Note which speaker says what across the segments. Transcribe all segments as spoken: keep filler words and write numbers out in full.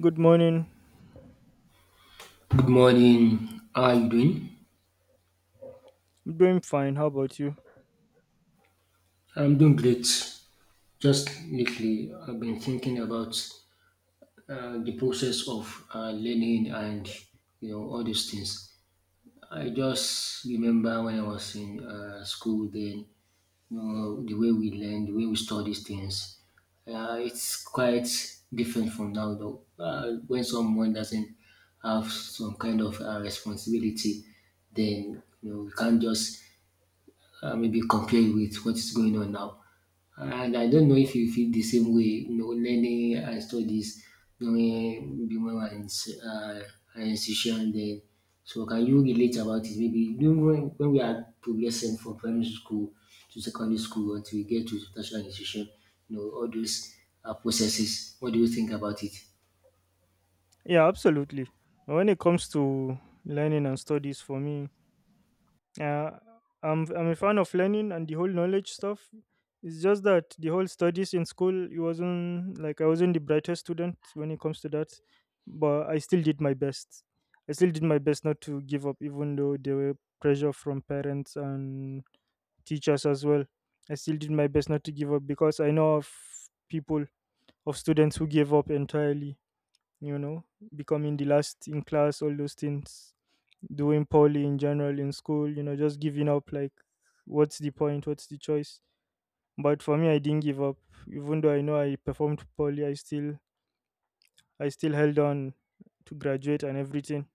Speaker 1: Good morning.
Speaker 2: Good morning. How are you doing?
Speaker 1: I'm doing fine. How about you?
Speaker 2: I'm doing great. Just lately, I've been thinking about uh, the process of uh, learning and you know all these things. I just remember when I was in uh, school then, you know, the way we learn, the way we study things, uh, it's quite different from now though. Uh, when someone doesn't have some kind of uh, responsibility, then you know, you can't just uh, maybe compare it with what is going on now. And I don't know if you feel the same way, you know, learning and studies during maybe when we are in s- uh, higher institution. Then, so can you relate about it? Maybe during when, when we are progressing from primary school to secondary school until we get to tertiary institution, you know, all those uh, processes. What do you think about it?
Speaker 1: Yeah, absolutely. When it comes to learning and studies for me, uh, I'm I'm a fan of learning and the whole knowledge stuff. It's just that the whole studies in school, it wasn't like I wasn't the brightest student when it comes to that, but I still did my best. I still did my best not to give up, even though there were pressure from parents and teachers as well. I still did my best not to give up because I know of people, of students who gave up entirely, you know, becoming the last in class, all those things, doing poorly in general in school, you know, just giving up like, what's the point? What's the choice? But for me, I didn't give up. Even though I know I performed poorly, I still, I still held on to graduate and everything.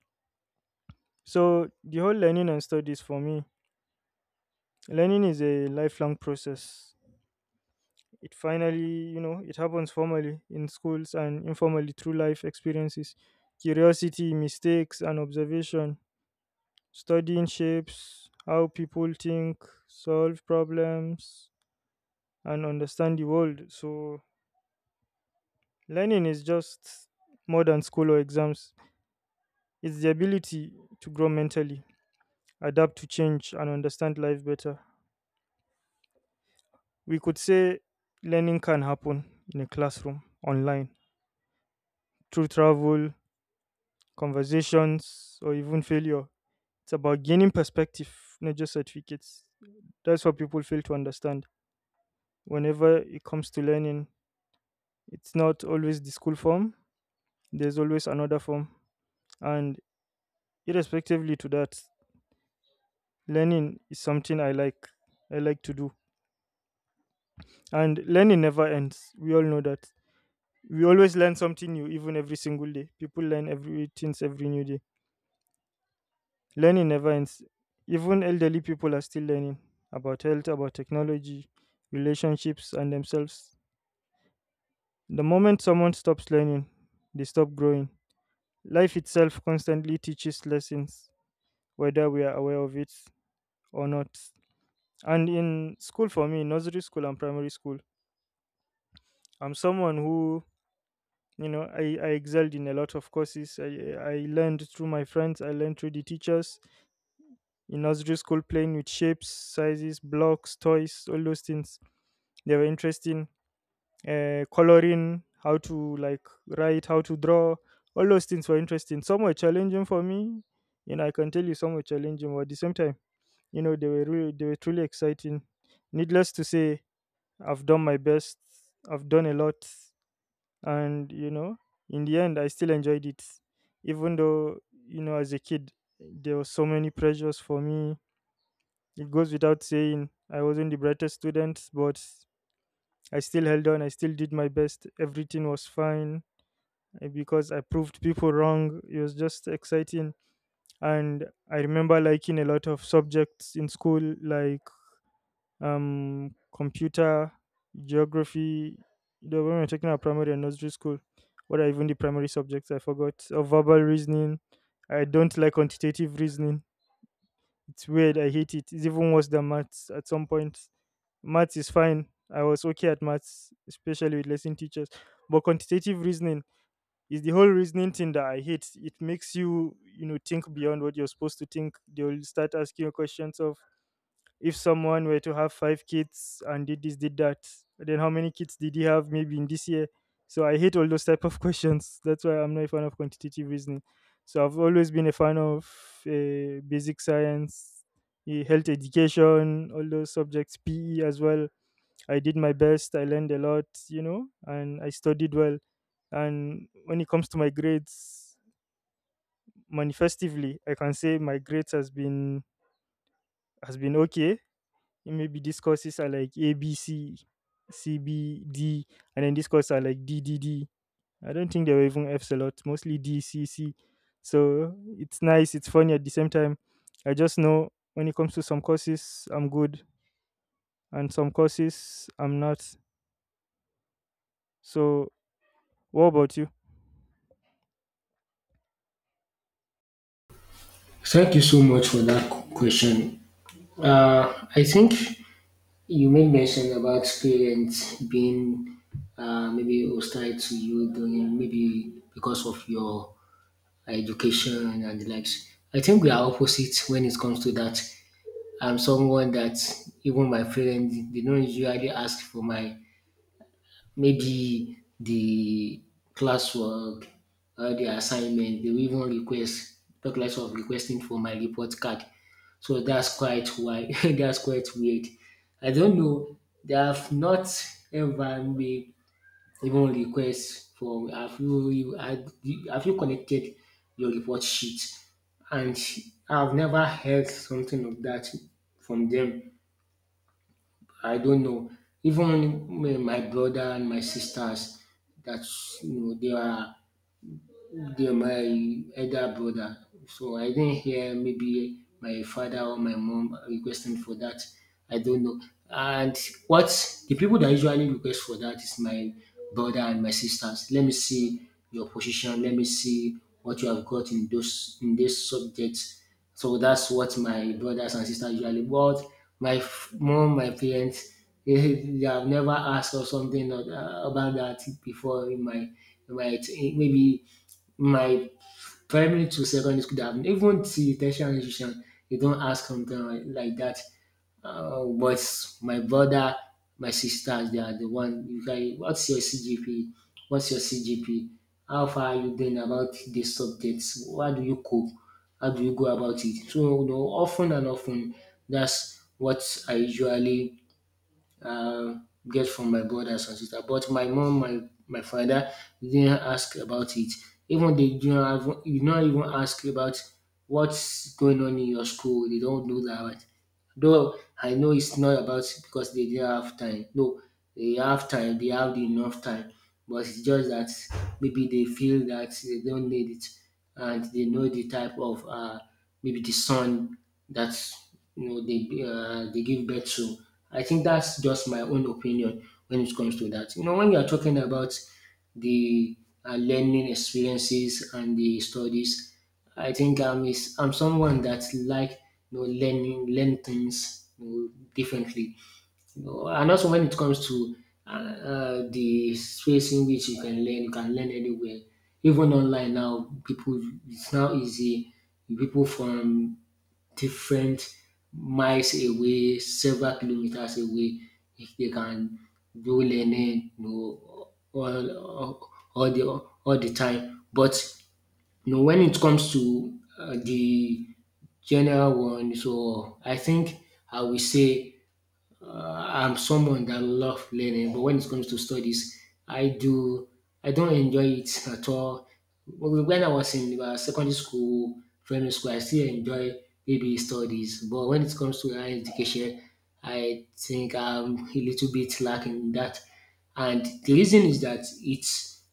Speaker 1: So the whole learning and studies for me, learning is a lifelong process. It finally, you know, it happens formally in schools and informally through life experiences, curiosity, mistakes, and observation. Studying shapes how people think, solve problems, and understand the world. So, learning is just more than school or exams, it's the ability to grow mentally, adapt to change, and understand life better. We could say learning can happen in a classroom, online, through travel, conversations, or even failure. It's about gaining perspective, not just certificates. That's what people fail to understand. Whenever it comes to learning, it's not always the school form, there's always another form. And irrespectively to that, learning is something I like. I like to do. And learning never ends. We all know that. We always learn something new, even every single day. People learn everything every new day. Learning never ends. Even elderly people are still learning about health, about technology, relationships, and themselves. The moment someone stops learning, they stop growing. Life itself constantly teaches lessons, whether we are aware of it or not. And in school, for me, nursery school and primary school, I'm someone who, you know, I, I excelled in a lot of courses. I, I learned through my friends, I learned through the teachers in nursery school, playing with shapes, sizes, blocks, toys, all those things. They were interesting, uh, coloring, how to like write, how to draw. All those things were interesting. Some were challenging for me. You know, I can tell you some were challenging, but at the same time, you know, they were really they were truly exciting. Needless to say, I've done my best. I've done a lot. And you know, in the end, I still enjoyed it. Even though, you know, as a kid, there were so many pressures for me. It goes without saying I wasn't the brightest student, but I still held on. I still did my best. Everything was fine, uh, because I proved people wrong. It was just exciting. And I remember liking a lot of subjects in school, like um, computer, geography. You know, when we were talking about primary and nursery school, what are even the primary subjects? I forgot. Or verbal reasoning. I don't like quantitative reasoning. It's weird. I hate it. It's even worse than maths at some point. Maths is fine. I was okay at maths, especially with lesson teachers. But quantitative reasoning is the whole reasoning thing that I hate. It makes you, you know, think beyond what you're supposed to think. They'll start asking you questions of if someone were to have five kids and did this, did that, then how many kids did he have maybe in this year? So I hate all those type of questions. That's why I'm not a fan of quantitative reasoning. So I've always been a fan of uh, basic science, eh, health education, all those subjects, P E as well. I did my best. I learned a lot, you know, and I studied well. And when it comes to my grades, manifestively, I can say my grades has been has been okay. Maybe these courses are like A, B, C, C, B, D, and then these courses are like D, D, D. I don't think they were even Fs a lot, mostly D, C, C. So it's nice. It's funny at the same time. I just know when it comes to some courses, I'm good, and some courses, I'm not. So what about you?
Speaker 2: Thank you so much for that question. Uh, I think you made mention about parents being uh, maybe hostile to you during maybe because of your education and the likes. I think we are opposite when it comes to that. I'm someone that even my parents they don't usually ask for my maybe the classwork, uh, the assignment, they will even request, talk less of requesting for my report card. So that's quite why that's quite weird. I don't know. They have not ever made even request for have you you- had- have you connected your report sheet? And I've never heard something of that from them. I don't know. Even um, my brother and my sisters, that's you know, they are the my elder brother. So I didn't hear maybe my father or my mom requesting for that. I don't know. And what the people that usually request for that is my brother and my sisters. Let me see your position. Let me see what you have got in those in this subject. So that's what my brothers and sisters usually. But my f- mom, my parents, they have never asked or something or- about that before in my in my maybe my primary to secondary school that happened. Even till tertiary institution, they don't ask something like like that. Uh, but my brother, my sisters, they are the one. You guys, what's your C G P? What's your C G P? How far are you doing about the subjects? What do you cope? How do you go about it? So, you know, often and often, that's what I usually uh, get from my brothers and sisters. But my mom, my my father didn't ask about it. Even they do not have, you not even ask about what's going on in your school. They don't do that. Though I know it's not about because they didn't have time. No, they have time. They have enough time, but it's just that maybe they feel that they don't need it and they know the type of uh, maybe the son that you know they uh, they give birth to. I think that's just my own opinion when it comes to that. You know, when you are talking about the uh, learning experiences and the studies, I think I'm is I'm someone that like you know learning learn things you know, differently no, and also when it comes to uh, uh, the space in which you can learn, you can learn anywhere. Even online now, people it's now easy. People from different miles away, several kilometers away, if they can do learning, you know, all, all, all the all the time. But you know, when it comes to uh, the general one, so I think I will say uh, I'm someone that love learning, but when it comes to studies, I do I don't enjoy it at all. Wh- When I was in uh, secondary school, primary school, I still enjoy maybe studies, but when it comes to higher education, I think I'm a little bit lacking in that. And the reason is that it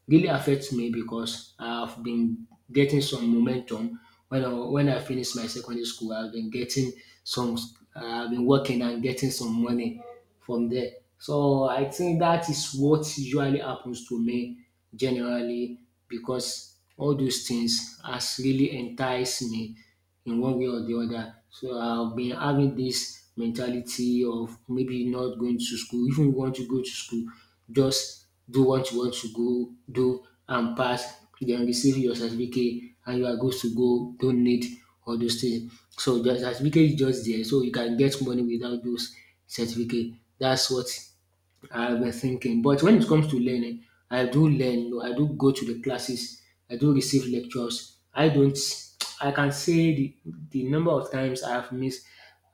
Speaker 2: really affects me because I've been getting some momentum when I, when I finished my secondary school. I've been getting some, I've been working and getting some money from there. So I think that is what usually happens to me generally because all those things has really enticed me in one way or the other. So I've been having this mentality of maybe not going to school. If you want to go to school, just do what you want to go do and pass, then receive your certificate and you are good to go. Don't need all those things. So the certificate is just there. So you can get money without those certificate. That's what I were thinking. But when it comes to learning, I do learn. You know, I do go to the classes. I do receive lectures. I don't. I can say the, the number of times I have missed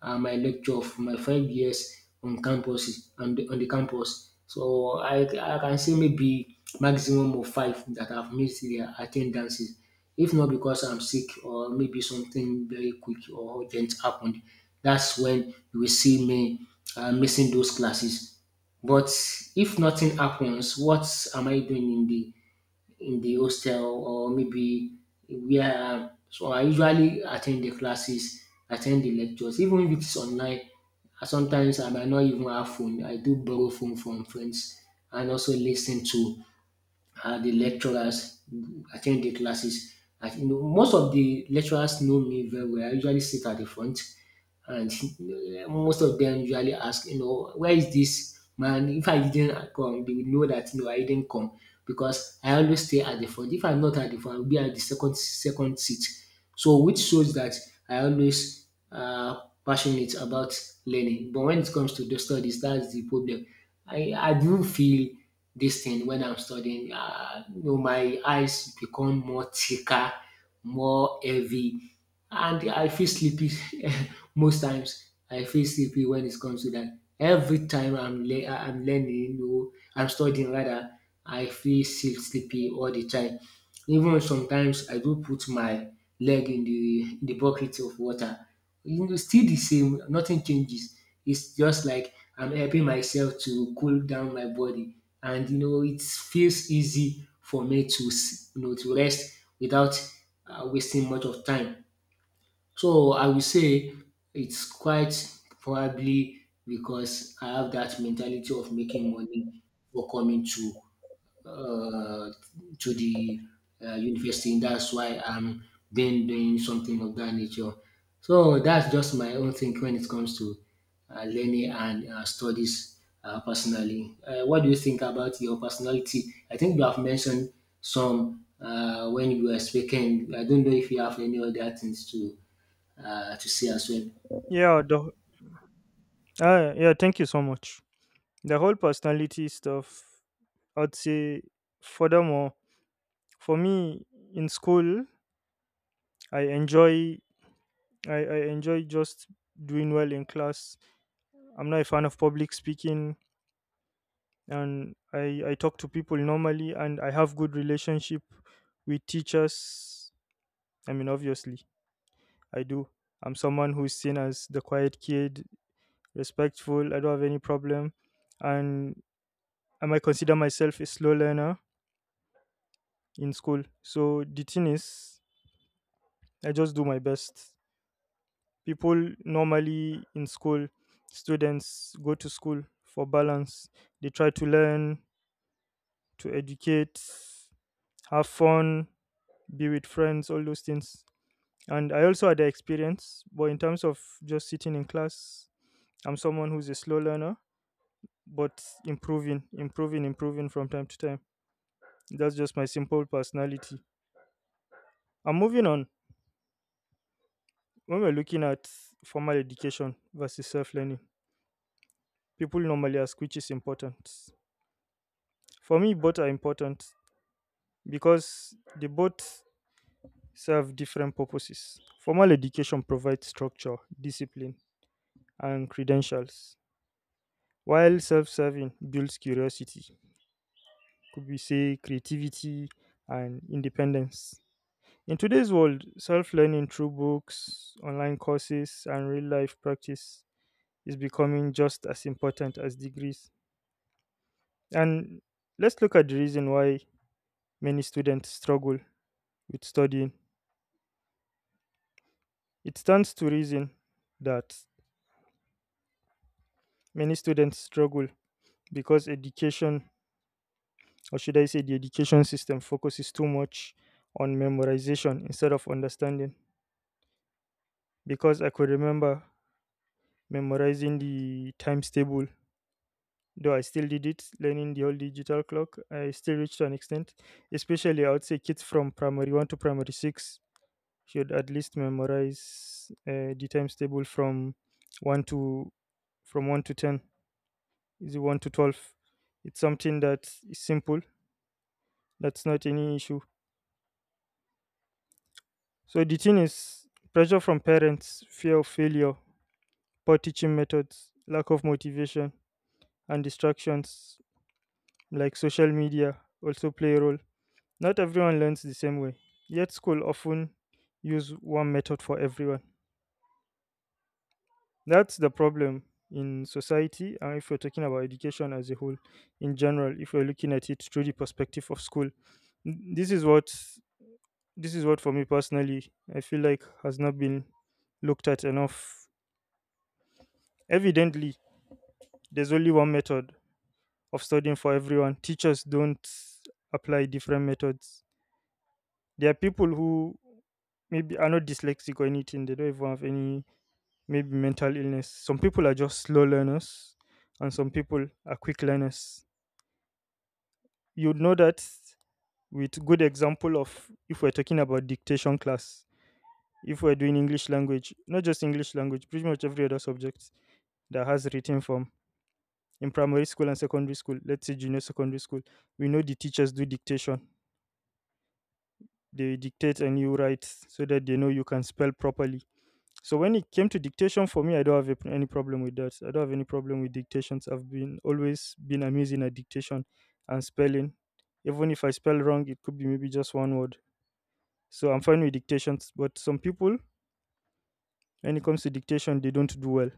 Speaker 2: uh, my lecture of my five years on campus on the, on the campus. So I, I can say maybe maximum of five that I've missed their attendances. If not because I'm sick or maybe something very quick or urgent happened, that's when you will see me uh, missing those classes. But if nothing happens, what am I doing in the in the hostel or maybe where? So I usually attend the classes, attend the lectures, even if it's online. uh, Sometimes I might not even have phone. I do borrow phone from friends and also listen to uh, the lecturers, attend the classes. I, you know, most of the lecturers know me very well. I usually sit at the front and most of them usually ask, you know, where is this man? If I didn't come, they would know that no, I didn't come because I always stay at the front. If I'm not at the front, I'll be at the second second seat. So which shows that I always uh, passionate about learning. But when it comes to the studies, that's the problem. I, I do feel this thing when I'm studying. Uh, you know, my eyes become more thicker, more heavy and I feel sleepy most times. I feel sleepy when it comes to that. Every time I'm le- I'm learning or I'm studying rather, I feel still sleepy all the time. Even sometimes I do put my leg in the in the bucket of water. You know, still the same. Nothing changes. It's just like I'm helping myself to cool down my body, and you know it feels easy for me to s- you know to rest without uh, wasting much of time. So I will say it's quite probably because I have that mentality of making money before coming to uh, to the uh, university. And that's why I'm been doing something of that nature. So that's just my own thing when it comes to uh, learning and uh, studies uh, personally. Uh, what do you think about your personality? I think you have mentioned some uh, when you were speaking. I don't know if you have any other things to uh, to say as well.
Speaker 1: Yeah, the Ah, yeah, thank you so much. The whole personality stuff, I'd say, furthermore, for me in school, I enjoy, I, I enjoy just doing well in class. I'm not a fan of public speaking, and I, I talk to people normally, and I have good relationship with teachers. I mean, obviously, I do. I'm someone who's seen as the quiet kid, respectful. I don't have any problem, and I might consider myself a slow learner in school. So the thing is, I just do my best. People normally in school, students go to school for balance. They try to learn, to educate, have fun, be with friends, all those things. And I also had the experience, but in terms of just sitting in class, I'm someone who's a slow learner, but improving, improving, improving from time to time. That's just my simple personality. I'm moving on when we're looking at formal education versus self learning, people normally ask which is important. For me, both are important because they both serve different purposes. Formal education provides structure, discipline, and credentials, while self serving builds curiosity, could we say creativity and independence. In today's world, self learning through books, online courses, and real life practice is becoming just as important as degrees. And let's look at the reason why many students struggle with studying. It stands to reason that many students struggle because education, or should I say, the education system focuses too much on memorization instead of understanding. Because I could remember memorizing the times table, though I still did it, learning the whole digital clock. I still reached to an extent, especially I would say kids from primary one to primary six should at least memorize uh, the times table from one to from one to ten, is one to twelve. It's something that is simple. That's not any issue. So the thing is, pressure from parents, fear of failure, poor teaching methods, lack of motivation, and distractions like social media also play a role. Not everyone learns the same way, yet school often use one method for everyone. That's the problem in society. And if you're talking about education as a whole in general, if you're looking at it through the perspective of school, N- this is what this is what for me personally I feel like has not been looked at enough. Evidently, there's only one method of studying for everyone. Teachers don't apply different methods. There are people who maybe are not dyslexic or anything. They don't even have any maybe mental illness. Some people are just slow learners, and some people are quick learners. You'd know that with good example of if we're talking about dictation class, if we're doing English language, not just English language, pretty much every other subject, that has written form. In primary school and secondary school, let's say junior secondary school, we know the teachers do dictation. They dictate and you write so that they know you can spell properly. So when it came to dictation for me, I don't have any problem with that. I don't have any problem with dictations. I've been always been amazing at dictation and spelling. Even if I spell wrong, it could be maybe just one word. So I'm fine with dictations. But some people, when it comes to dictation, they don't do well.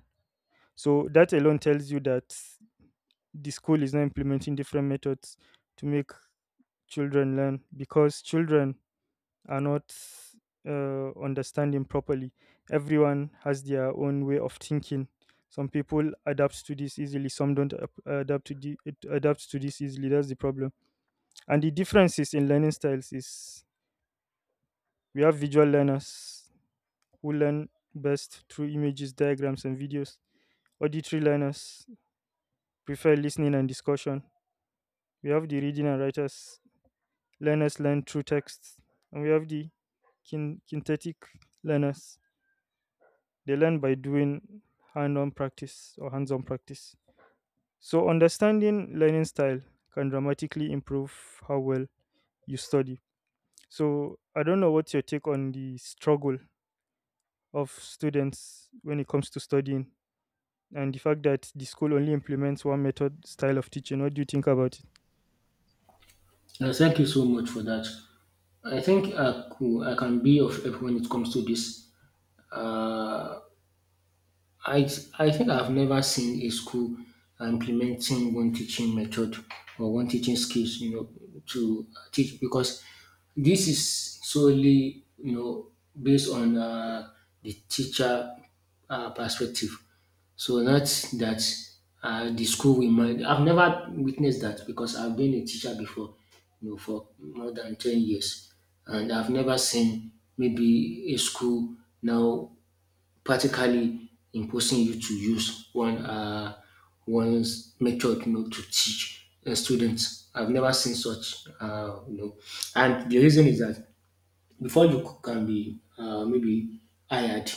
Speaker 1: So that alone tells you that the school is not implementing different methods to make children learn because children are not uh, understanding properly. Everyone has their own way of thinking. Some people adapt to this easily. Some don't ap- adapt to the, it- adapt to this easily. That's the problem. And the differences in learning styles is, we have visual learners who learn best through images, diagrams, and videos. Auditory learners prefer listening and discussion. We have the reading and writers. Learners learn through texts, and we have the kin- kinetic learners. They learn by doing hand-on practice or hands-on practice. So understanding learning style can dramatically improve how well you study. So I don't know what's your take on the struggle of students when it comes to studying and the fact that the school only implements one method style of teaching. What do you think about it?
Speaker 2: Uh, thank you so much for that. I think I, could, I can be of help when it comes to this. I, I think I've never seen a school implementing one teaching method or one teaching skills, you know, to teach because this is solely, you know, based on uh, the teacher uh, perspective. So that's that uh, the school will mind. I've never witnessed that because I've been a teacher before, you know, for more than ten years. And I've never seen maybe a school now practically imposing you to use one uh, one's method you know, to teach the students. I've never seen such, uh, you know. And the reason is that before you c- can be uh, maybe hired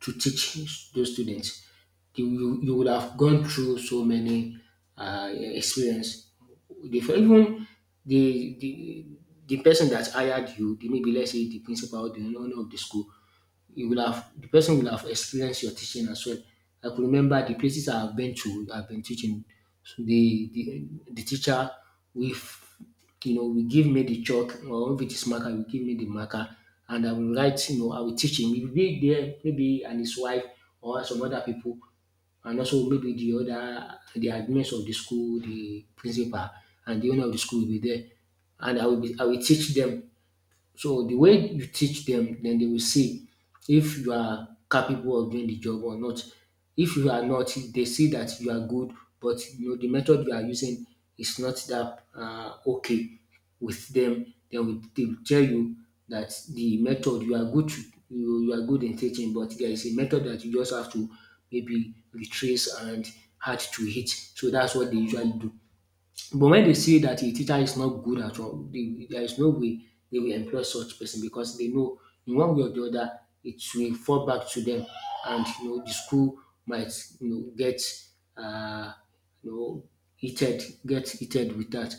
Speaker 2: to teach those students, you, you, you would have gone through so many uh, experience. The- for Even the, the the person that hired you, the- maybe let's say the principal, the owner of the school, you will have the person will have experienced your teaching as well. I could remember the places I've been to, I've been teaching. So the the, the teacher we you know will give me the chalk or if it is marker, will give me the marker and I will write, you know, I will teach him. He will be there, maybe and his wife or some other people and also maybe the other the admins of the school, the principal and the owner of the school will be there. And I will be, I will teach them so the way you teach them, then they will see if you are capable of doing the job or not. If you are not, they see that you are good, but you know the method you are using is not that uh, okay with them. They will, they will tell you that the method you are good to, you, you are good in teaching, but there is a method that you just have to maybe retrace and add to it. So that's what they usually do. But when they see that a teacher is not good at all, they, there is no way they will employ such person because they know in one way or the other it will fall back to them, and you know the school might you know get uh, you know heated, get heated with that.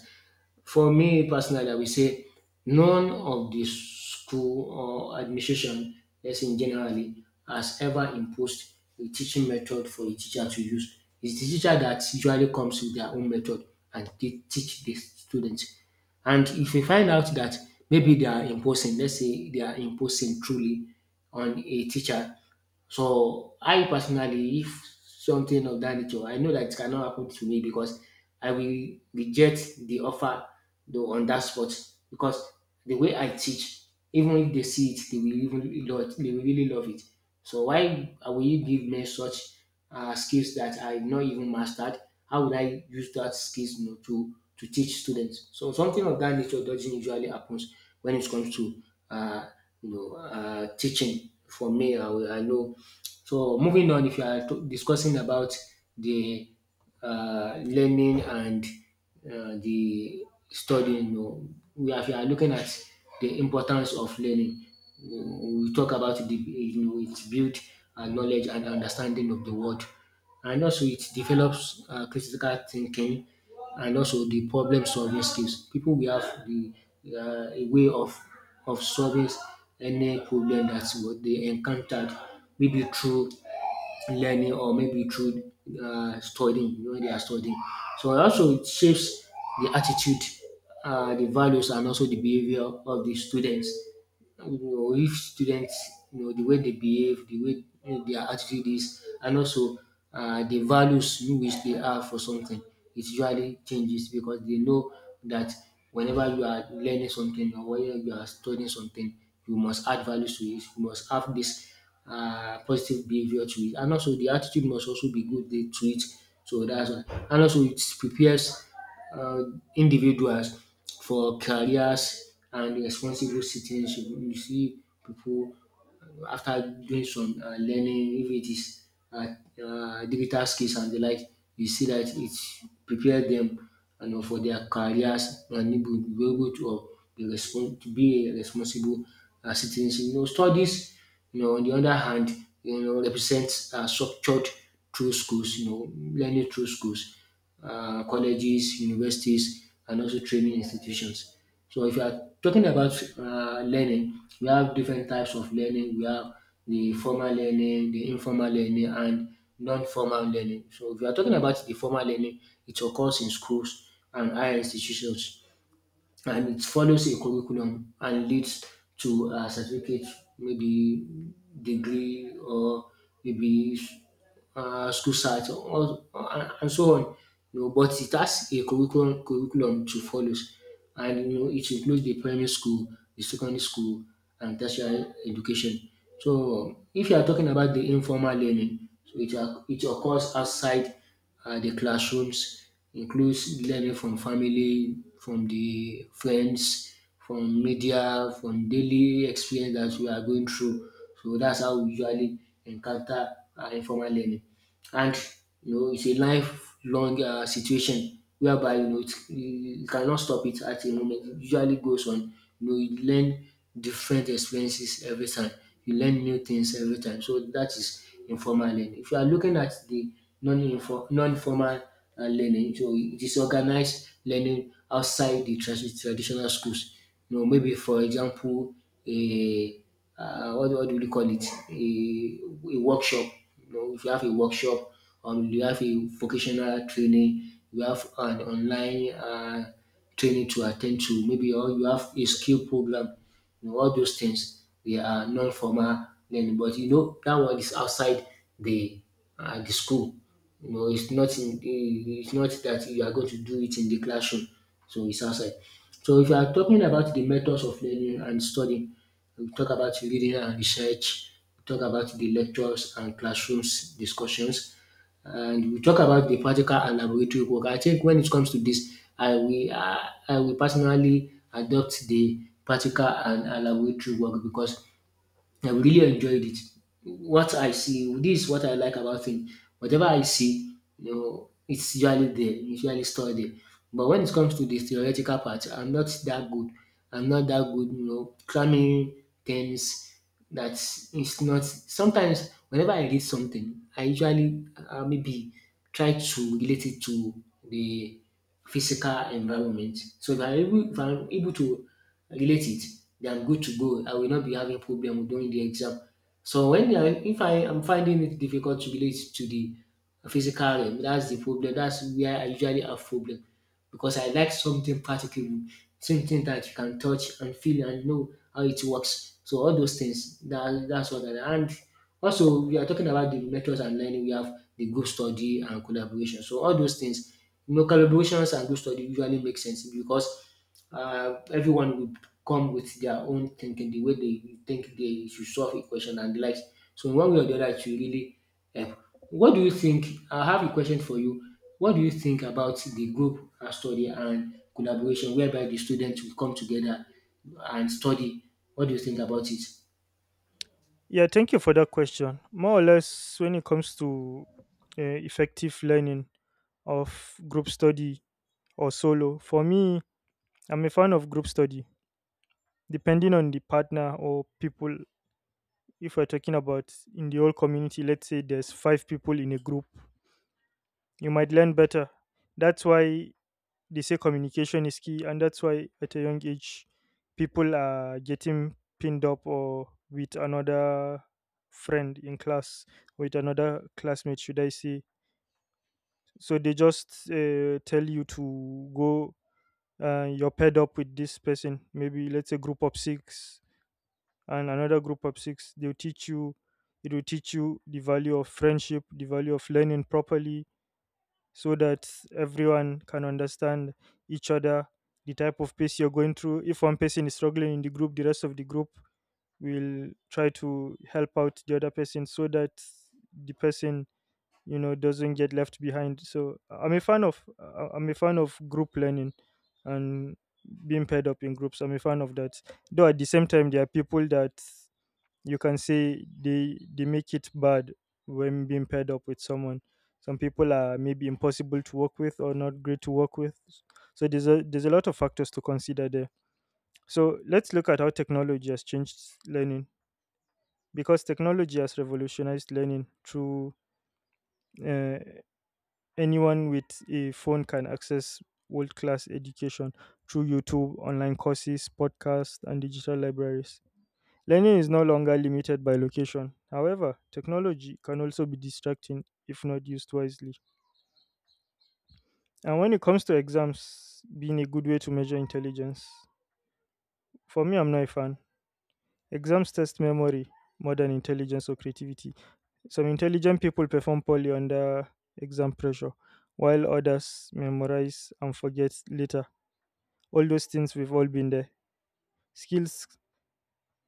Speaker 2: For me personally, I will say none of the school or administration, let's in generally, has ever imposed a teaching method for a teacher to use. It's the teacher that usually comes with their own method and they teach the students. And if we find out that maybe they are imposing, let's say they are imposing truly on a teacher. So I personally, if something of that nature, I know that it cannot happen to me because I will reject the offer though on that spot because the way I teach, even if they see it, they will even love it, they will really love it. So why will you give me such uh, skills that I've not even mastered? How would I use that skills you know, to to teach students? So something of that nature doesn't usually happens when it comes to uh, you know uh, teaching. For me, I, will- I know. So moving on, if you are to- discussing about the uh, learning and uh, the studying. You know, we are, we are looking at the importance of learning. You know, we talk about the you know it builds uh, knowledge and understanding of the world, and also it develops uh, critical thinking and also the problem solving skills. People will have the uh, a way of of solving any problem that's what they encountered, maybe through learning or maybe through uh, studying, you know, they are studying. So also it shapes the attitude, uh, the values, and also the behavior of the students. You know, if students you know the way they behave, the way, you know, their attitude is, and also uh, the values in which they have for something, it usually changes because they know that whenever you are learning something or whenever you are studying something, you must add values to it, you must have this uh, positive behavior to it, and also the attitude must also be good to it. So that's why. And also it prepares uh, individuals for careers and responsible citizenship. You see people uh, after doing some uh, learning, if it is uh, uh, digital skills and the like, you see that it prepare them, you know, for their careers, and they will be able to, uh, be, respons- to be a responsible uh, citizen. You know, studies, you know, on the other hand, you know, represents uh, structured through schools, you know, learning through schools, uh, colleges, universities, and also training institutions. So if you are talking about uh, learning, we have different types of learning. We have the formal learning, the informal learning, and non-formal learning. So if you are talking about the formal learning, it occurs in schools and higher institutions, and it follows a curriculum and leads to a certificate, maybe degree, or maybe uh, school site or, or- and so on. You know, but it has a curriculum curriculum to follow, and you know it includes the primary school, the secondary school, and tertiary education. So if you are talking about the informal learning, so it, oc- it occurs outside uh, the classrooms, includes learning from family, from the friends, from media, from daily experience that we are going through. So that's how we usually encounter uh, informal learning, and you know it's a lifelong uh, situation whereby, you know, it, you cannot stop it at a moment. It usually goes on. You know, you learn different experiences every time. You learn new things every time. So that is informal learning. If you are looking at the non-inform, non-formal uh, learning, so it is organized learning outside the tradi- traditional schools. You know, maybe for example, a uh, what, what do you call it? A, a workshop. You know, if you have a workshop, um, you have a vocational training, you have an online uh, training to attend to, maybe, or you have a skill program. You know, all those things they are non-formal learning, but you know that one is outside the uh, the school. You know, it's not in, it's not that you are going to do it in the classroom, so it's outside. So if you are talking about the methods of learning and studying, we talk about reading and research, we talk about the lectures and classrooms discussions, and we talk about the practical and laboratory work. I think when it comes to this, I will I, I will personally adopt the practical and, and laboratory work because I really enjoyed it. What I see, this is what I like about film. Whatever I see, you know, it's usually there, it's usually stored there. But when it comes to the theoretical part, I'm not that good. I'm not that good, you know, cramming things that is not. Sometimes, whenever I read something, I usually uh, maybe try to relate it to the physical environment. So if I'm able, if I'm able to relate it, they are good to go. I will not be having problem during the exam. So when they are, if I am finding it difficult to relate to the physical realm, that's the problem. That's where I usually have problem because I like something practical, something that you can touch and feel and know how it works. So all those things, that, that's what I, and also we are talking about the methods and learning. We have the group study and collaboration. So all those things, you know, collaborations and group study usually make sense because uh, everyone will come with their own thinking, the way they think they should solve a question and the likes. So in one way or the other, it will really help. What do you think? I have a question for you. What do you think about the group uh, study and collaboration, whereby the students will come together and study? What do you think about it?
Speaker 1: Yeah, thank you for that question. More or less, when it comes to uh, effective learning, of group study or solo. For me, I'm a fan of group study, depending on the partner or people. If we're talking about in the whole community, let's say there's five people in a group, you might learn better. That's why they say communication is key, and that's why at a young age, people are getting pinned up or with another friend in class, with another classmate, should I say. So they just uh, tell you to go uh, you're paired up with this person, maybe let's say group of six and another group of six. They'll teach you, it will teach you the value of friendship, the value of learning properly, so that everyone can understand each other, the type of pace you're going through. If one person is struggling in the group, the rest of the group will try to help out the other person so that the person you know doesn't get left behind. So I'm a fan of uh, i'm a fan of group learning and being paired up in groups. I'm a fan of that, though at the same time there are people that you can say they they make it bad when being paired up with someone. Some people are maybe impossible to work with or not great to work with, so there's a there's a lot of factors to consider there. So let's look at how technology has changed learning, because technology has revolutionized learning through uh, anyone with a phone can access world class education through YouTube, online courses, podcasts, and digital libraries. Learning is no longer limited by location. However, technology can also be distracting if not used wisely. And when it comes to exams being a good way to measure intelligence, for me, I'm not a fan. Exams test memory more than intelligence or creativity. Some intelligent people perform poorly under exam pressure, while others memorize and forget later. All those things, we've all been there. Skills,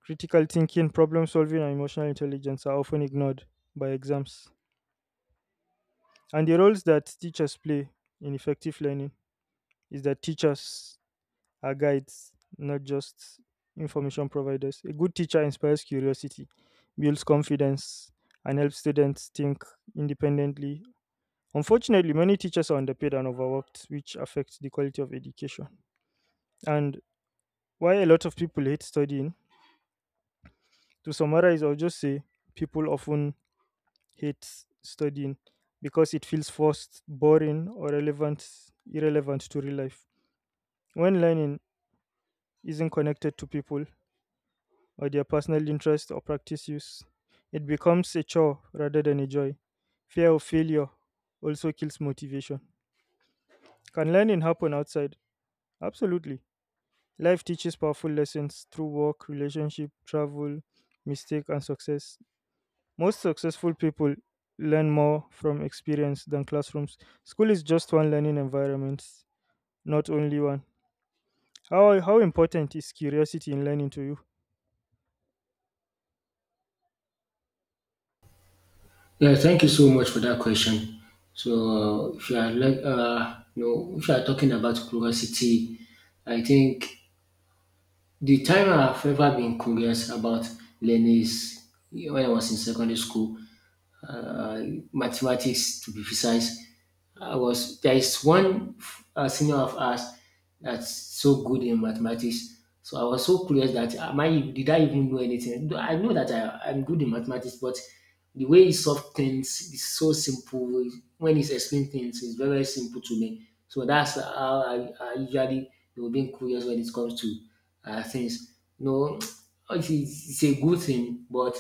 Speaker 1: critical thinking, problem solving, and emotional intelligence are often ignored by exams. And the roles that teachers play in effective learning is that teachers are guides, not just information providers. A good teacher inspires curiosity, builds confidence, and helps students think independently. Unfortunately, many teachers are underpaid and overworked, which affects the quality of education. And why a lot of people hate studying. To summarize, I'll just say people often hate studying because it feels forced, boring, or relevant, irrelevant to real life. When learning isn't connected to people or their personal interest or practice use, it becomes a chore rather than a joy. Fear of failure also kills motivation. Can learning happen outside? Absolutely. Life teaches powerful lessons through work, relationship, travel, mistake, and success. Most successful people learn more from experience than classrooms. School is just one learning environment, not only one. How how important is curiosity in learning to you?
Speaker 2: Yeah, thank you so much for that question. So, uh, if you are like, uh, you know, if you are talking about curiosity, I think the time I've ever been curious about learning is when I was in secondary school, uh, mathematics to be precise. I was there is one uh, senior of ours that's so good in mathematics. So I was so curious that am I, did I even know anything? Though I know that I am good in mathematics, but the way he solved things is so simple. When he's explaining things, it's very, very simple to me. So that's how I, I usually will be curious when it comes to uh, things. No, it's, it's a good thing, but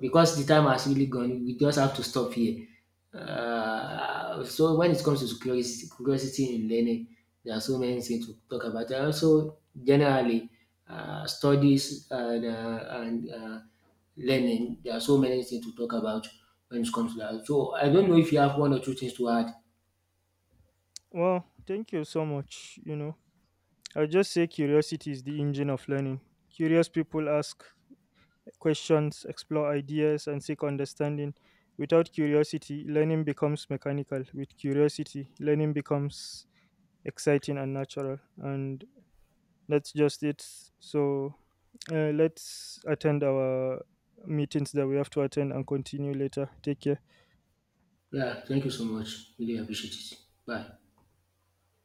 Speaker 2: because the time has really gone, we just have to stop here. Uh, so when it comes to curiosity, curiosity in learning, there are so many things to talk about. And also, generally, uh, studies and, uh, and uh, learning, there are so many things to talk about when it comes to that. So I don't know if you have one or two things to add.
Speaker 1: Well, thank you so much. You know, I just say curiosity is the engine of learning. Curious people ask questions, explore ideas, and seek understanding. Without curiosity, learning becomes mechanical. With curiosity, learning becomes exciting and natural. And that's just it. So uh, let's attend our meetings that we have to attend and continue later. Take care.
Speaker 2: Yeah, thank you so much. Really appreciate it. Bye.